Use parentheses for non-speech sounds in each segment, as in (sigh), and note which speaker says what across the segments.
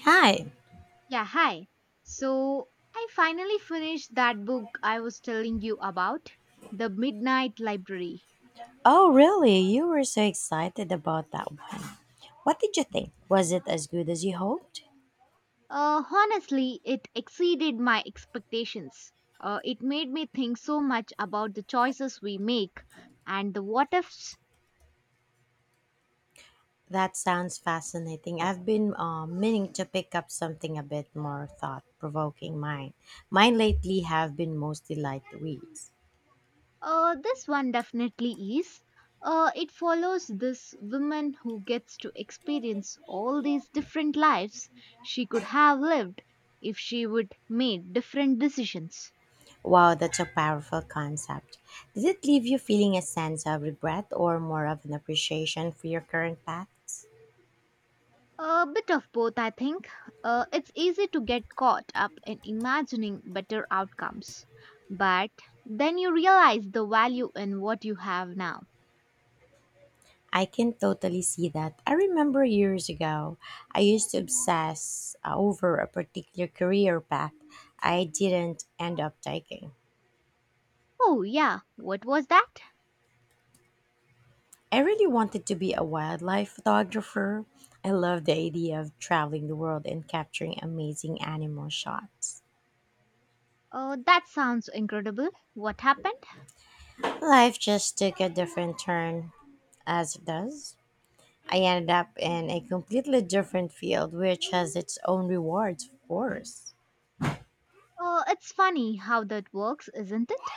Speaker 1: Hi.
Speaker 2: Yeah, hi. So I finally finished that book I was telling you about, The Midnight Library.
Speaker 1: Oh, really? You were so excited about that one. What did you think? Was it as good as you hoped?
Speaker 2: Honestly, it exceeded my expectations. It made me think so much about the choices we make and the what ifs.
Speaker 1: That sounds fascinating. I've been meaning to pick up something a bit more thought provoking. Mine lately have been mostly light reads.
Speaker 2: This one definitely is. It follows this woman who gets to experience all these different lives she could have lived if she would made different decisions.
Speaker 1: Wow, that's a powerful concept. Did it leave you feeling a sense of regret or more of an appreciation for your current paths?
Speaker 2: A bit of both, I think. It's easy to get caught up in imagining better outcomes, but then you realize the value in what you have now.
Speaker 1: I can totally see that. I remember years ago, I used to obsess over a particular career path I didn't end up taking.
Speaker 2: Oh, yeah, what was that?
Speaker 1: I really wanted to be a wildlife photographer. I loved the idea of traveling the world and capturing amazing animal shots.
Speaker 2: That sounds incredible. What happened?
Speaker 1: Life just took a different turn, as it does. I ended up in a completely different field, which has its own rewards, of course.
Speaker 2: It's funny how that works, isn't it?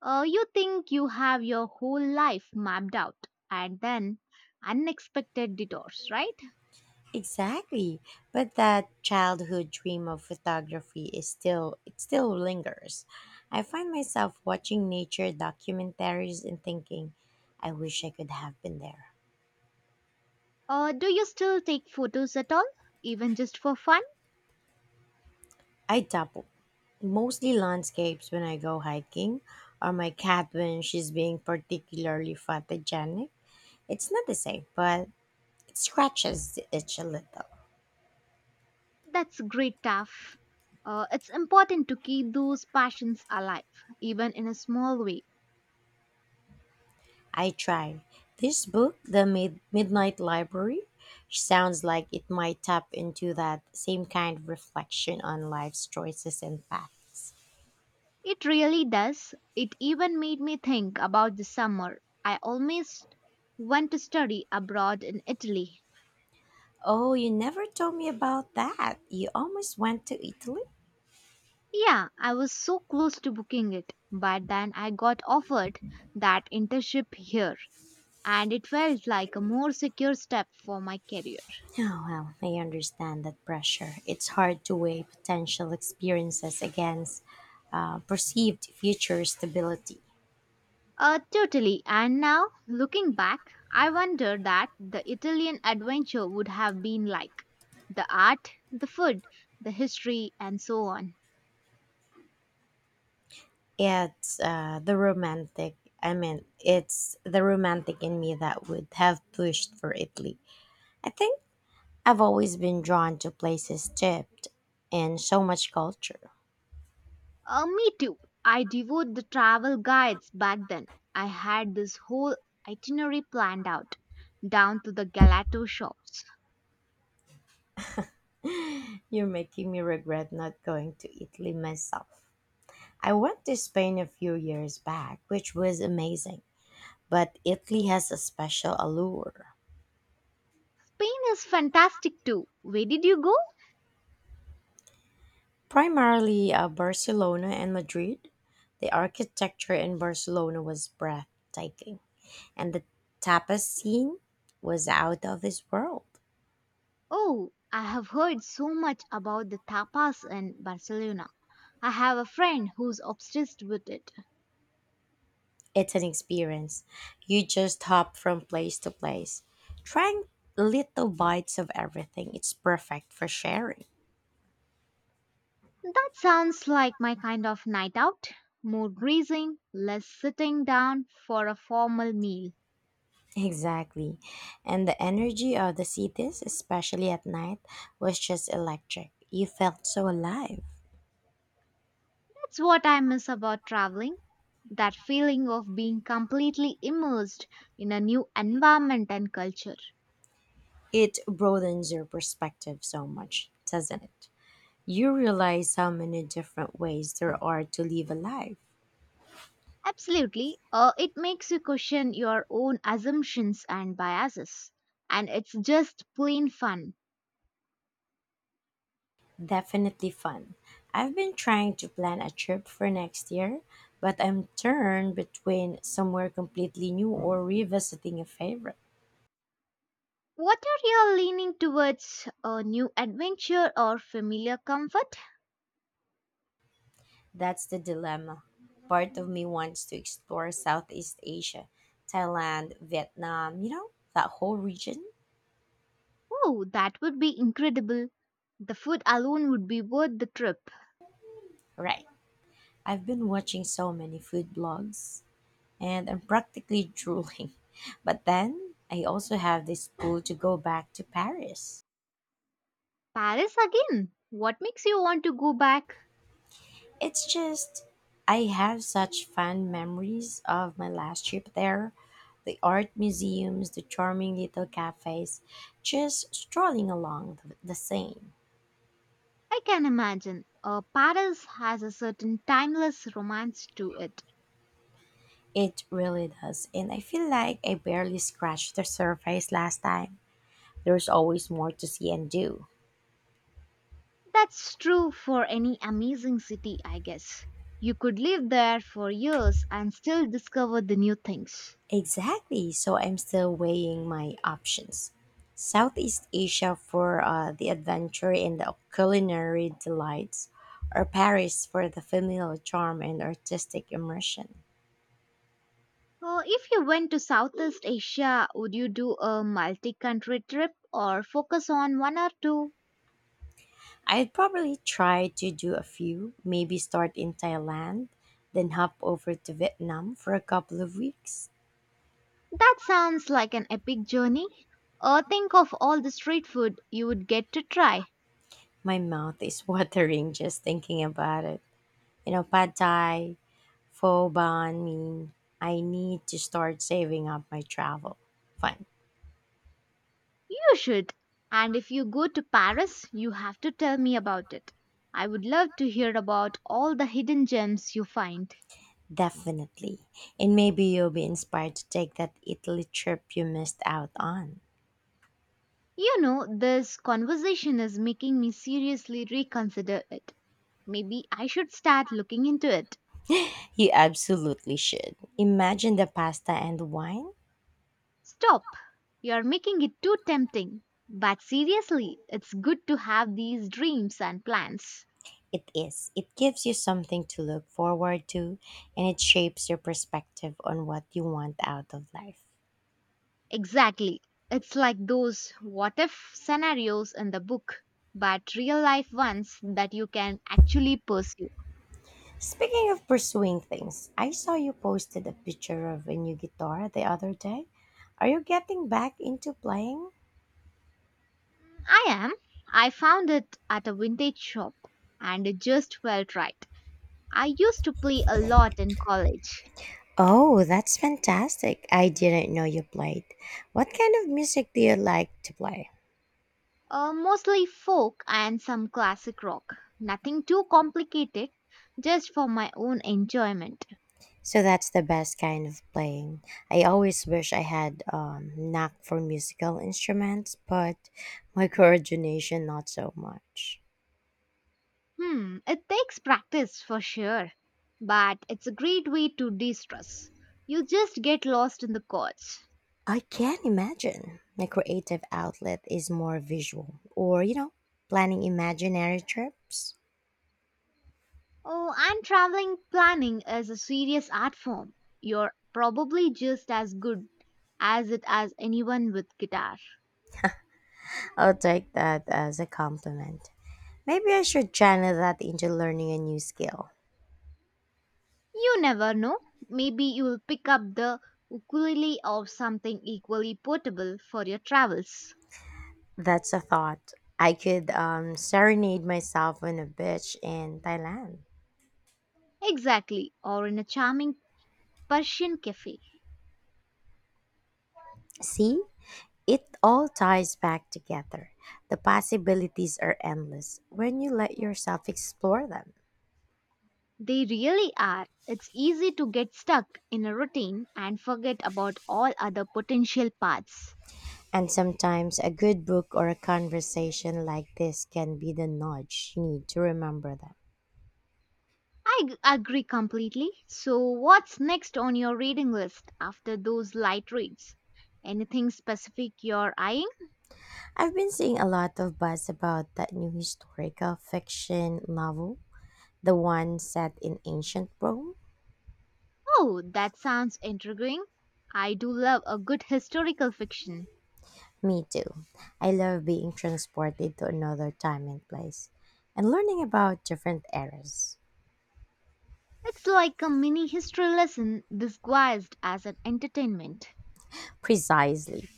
Speaker 2: You think you have your whole life mapped out, and then unexpected detours, right?
Speaker 1: Exactly. But that childhood dream of photography is still it still lingers. I find myself watching nature documentaries and thinking, I wish I could have been there.
Speaker 2: Do you still take photos at all, even just for fun?
Speaker 1: I double mostly landscapes when I go hiking or my cat when she's being particularly photogenic. It's not the same, but it scratches the itch a little.
Speaker 2: That's great, Taff. It's important to keep those passions alive, even in a small way.
Speaker 1: I try. This book, the Midnight Library, sounds like it might tap into that same kind of reflection on life's choices and paths.
Speaker 2: It really does. It even made me think about the summer. I almost went to study abroad in Italy.
Speaker 1: Oh, you never told me about that. You almost went to Italy?
Speaker 2: Yeah, I was so close to booking it, but then I got offered that internship here, and it felt like a more secure step for my career.
Speaker 1: Oh, well, I understand that pressure. It's hard to weigh potential experiences against perceived future stability.
Speaker 2: Totally. And now, looking back, I wonder that the Italian adventure would have been like the art, the food, the history, and so on.
Speaker 1: It's uh, the romantic, I mean, it's the romantic in me that would have pushed for Italy. I think I've always been drawn to places dipped in so much culture.
Speaker 2: Me too. I devoured the travel guides back then. I had this whole itinerary planned out, down to the gelato shops.
Speaker 1: You're making me regret not going to Italy myself. I went to Spain a few years back, which was amazing, but Italy has a special allure.
Speaker 2: Spain is fantastic too. Where did you go?
Speaker 1: Primarily Barcelona and Madrid. The architecture in Barcelona was breathtaking, and the tapas scene was out of this world.
Speaker 2: Oh, I have heard so much about the tapas in Barcelona. I have a friend who's obsessed with it.
Speaker 1: It's an experience. You just hop from place to place, trying little bites of everything. It's perfect for sharing. (laughs)
Speaker 2: That sounds like my kind of night out. More grazing, less sitting down for a formal meal.
Speaker 1: Exactly. And the energy of the cities, especially at night, was just electric. You felt so alive.
Speaker 2: That's what I miss about traveling. That feeling of being completely immersed in a new environment and culture.
Speaker 1: It broadens your perspective so much, doesn't it? You realize how many different ways there are to live a life.
Speaker 2: Absolutely, it makes you question your own assumptions and biases. And it's just plain fun.
Speaker 1: Definitely fun. I've been trying to plan a trip for next year, but I'm torn between somewhere completely new or revisiting a favorite.
Speaker 2: What are you leaning towards? A new adventure or familiar comfort?
Speaker 1: That's the dilemma. Part of me wants to explore Southeast Asia, Thailand, Vietnam, that whole region.
Speaker 2: Oh, that would be incredible. The food alone would be worth the trip.
Speaker 1: Right. I've been watching so many food blogs and I'm practically drooling. (laughs) But then I also have this pull to go back to Paris.
Speaker 2: Paris again? What makes you want to go back?
Speaker 1: It's just, I have such fond memories of my last trip there. The art museums, the charming little cafes, just strolling along the Seine.
Speaker 2: I can imagine. Paris has a certain timeless romance to it.
Speaker 1: It really does, and I feel like I barely scratched the surface last time. There's always more to see and do.
Speaker 2: That's true for any amazing city, I guess. You could live there for years and still discover the new things.
Speaker 1: Exactly. So I'm still weighing my options. Southeast Asia for the adventure and the culinary delights, or Paris for the familial charm and artistic immersion.
Speaker 2: If you went to Southeast Asia, would you do a multi country trip or focus on one or two?
Speaker 1: I'd probably try to do a few, maybe start in Thailand, then hop over to Vietnam for a couple of weeks.
Speaker 2: That sounds like an epic journey. Think of all the street food you would get to try.
Speaker 1: My mouth is (laughs) watering just thinking about it. Pad thai, for ban mean, I need to start saving up my travel fund.
Speaker 2: You should. And if you go to Paris, you have to tell me about it. I would love to hear about all the hidden gems you find.
Speaker 1: Definitely. And maybe you'll be inspired to take that Italy trip you missed out on.
Speaker 2: You know, this conversation is making me seriously reconsider it. Maybe I should start looking into it.
Speaker 1: You absolutely should. Imagine the pasta and wine.
Speaker 2: Stop. You're making it too tempting. But seriously, it's good to have these dreams and plans.
Speaker 1: It is. It gives you something to look forward to and it shapes your perspective on what you want out of life.
Speaker 2: Exactly. It's like those what if scenarios in the book, but real life ones that you can actually pursue.
Speaker 1: Speaking of pursuing things, I saw you posted a picture of a new guitar the other day. Are you getting back into playing?
Speaker 2: I am. I found it at a vintage shop and it just felt right. I used to play a lot in college,
Speaker 1: Oh, that's fantastic. I didn't know you played. What kind of music do you like to play?
Speaker 2: mostly folk and some classic rock. Nothing too complicated, just for my own enjoyment.
Speaker 1: So that's the best kind of playing. I always wish I had knack for musical instruments, but my (laughs) coordination not so much.
Speaker 2: Hmm, it takes practice for sure, but it's a great way to de stress. You just get lost in the chords.
Speaker 1: I can imagine. My creative outlet is more visual or, planning imaginary trips.
Speaker 2: Oh, and traveling planning is a serious art form. You're probably just as good as it as anyone with guitar.
Speaker 1: I'll take that as a compliment. Maybe I should channel that into learning a new skill.
Speaker 2: You never know. Maybe you'll pick up the ukulele or something equally portable for your travels.
Speaker 1: That's a thought. I could serenade myself on a beach in Thailand.
Speaker 2: Exactly, or in a charming Persian cafe.
Speaker 1: See? It all ties back together. The possibilities are endless when you let yourself explore them.
Speaker 2: They really are. It's easy to get stuck in a routine and forget about all other potential paths.
Speaker 1: And sometimes a good book or a conversation like this can be the nudge you need to remember them.
Speaker 2: Agree completely. So, what's next on your reading list after those light reads? Anything specific you're eyeing?
Speaker 1: I've been seeing a lot of buzz about that new historical fiction novel, the one set in ancient Rome.
Speaker 2: Oh, that sounds intriguing. I do love a good historical fiction.
Speaker 1: Me too. I love being transported to another time and place and learning about different eras.
Speaker 2: It's like a mini history lesson disguised as an entertainment.
Speaker 1: Precisely.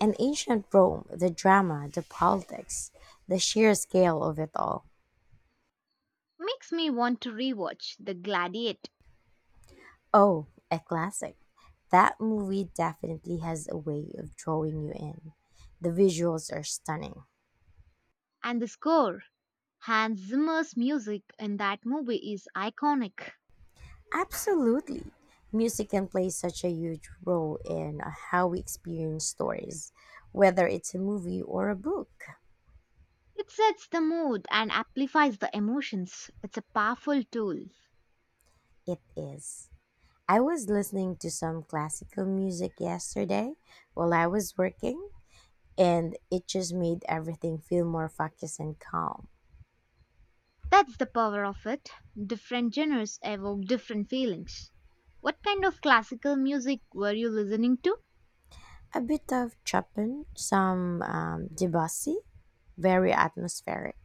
Speaker 1: And ancient Rome, the drama, the politics, the sheer scale of it all.
Speaker 2: Makes me want to rewatch The Gladiator
Speaker 1: Oh, a classic. That movie definitely has a way of drawing you in. The visuals are stunning.
Speaker 2: and The Score. Hans Zimmer's music in that movie is iconic.
Speaker 1: Absolutely. Music can play such a huge role in how we experience stories, whether it's a movie or a book.
Speaker 2: It sets the mood and amplifies the emotions. It's a powerful tool.
Speaker 1: It is. I was listening to some classical music yesterday while I was working, and it just made everything feel more focused and calm.
Speaker 2: That's the power of it. Different genres evoke different feelings. What kind of classical music were you listening to?
Speaker 1: A bit of Chopin, some Debussy, very atmospheric.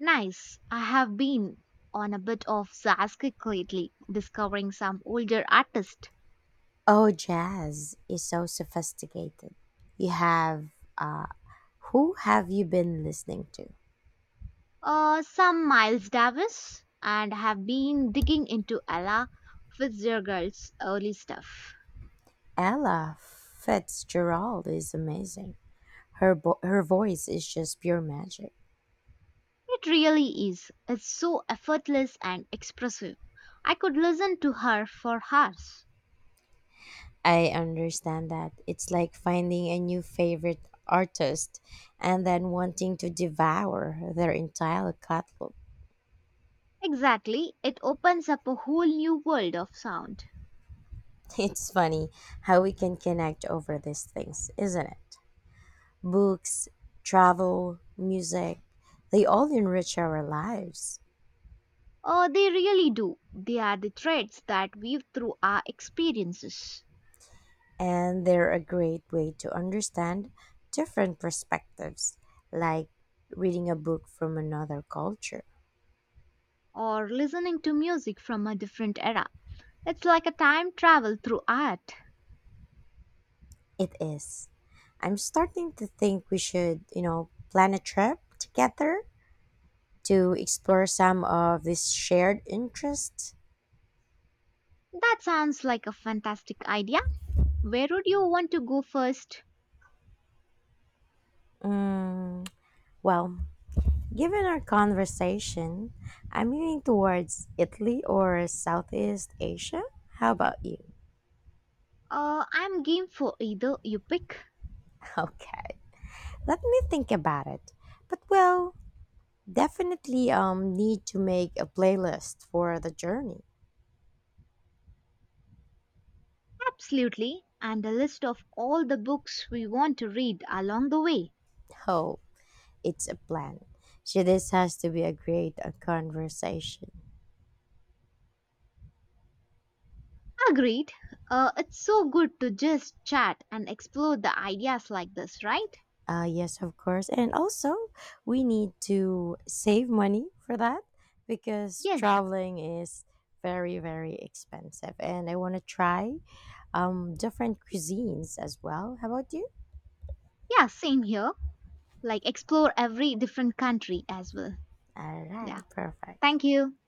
Speaker 2: Nice. I have been on a bit of Zaskic lately, discovering some older artists.
Speaker 1: Oh, jazz is so sophisticated. You have, uh, who have you been listening to?
Speaker 2: Some Miles Davis, and have been digging into Ella Fitzgerald's early stuff.
Speaker 1: Ella Fitzgerald is amazing. Her voice is just pure magic.
Speaker 2: It really is. It's so effortless and expressive. I could listen to her for hours.
Speaker 1: I understand that it's like finding a new favorite artist and then wanting to devour their entire catalog.
Speaker 2: Exactly. It opens up a whole new world of sound.
Speaker 1: It's funny how we can connect over these things, isn't it? Books, travel, music, they all enrich our lives.
Speaker 2: Oh, they really do. They are the threads that weave through our experiences.
Speaker 1: And they're a great way to understand different perspectives, like reading a book from another culture.
Speaker 2: Or listening to music from a different era. It's like a time travel through art.
Speaker 1: It is. I'm starting to think we should, plan a trip together to explore some of these shared interests.
Speaker 2: That sounds like a fantastic idea. Where would you want to go first?
Speaker 1: Mm, well, given our conversation, I'm leaning towards Italy or Southeast Asia. How about you?
Speaker 2: I'm game for either you pick.
Speaker 1: (laughs) Okay. Let me think about it. But well, definitely need to make a playlist for the journey.
Speaker 2: Absolutely, and a list of all the books we want to read along the way.
Speaker 1: Oh, it's a plan. So this has to be a great conversation.
Speaker 2: Agreed. It's so good to just chat and explore the ideas like this, right?
Speaker 1: Yes, of course. And also, we need to save money for that because
Speaker 2: Yes.
Speaker 1: traveling is very, very expensive. And I want to try different cuisines as well. How about you?
Speaker 2: Yeah, same here. Like explore every different country as well.
Speaker 1: All
Speaker 2: Yeah.
Speaker 1: right, perfect.
Speaker 2: Thank you.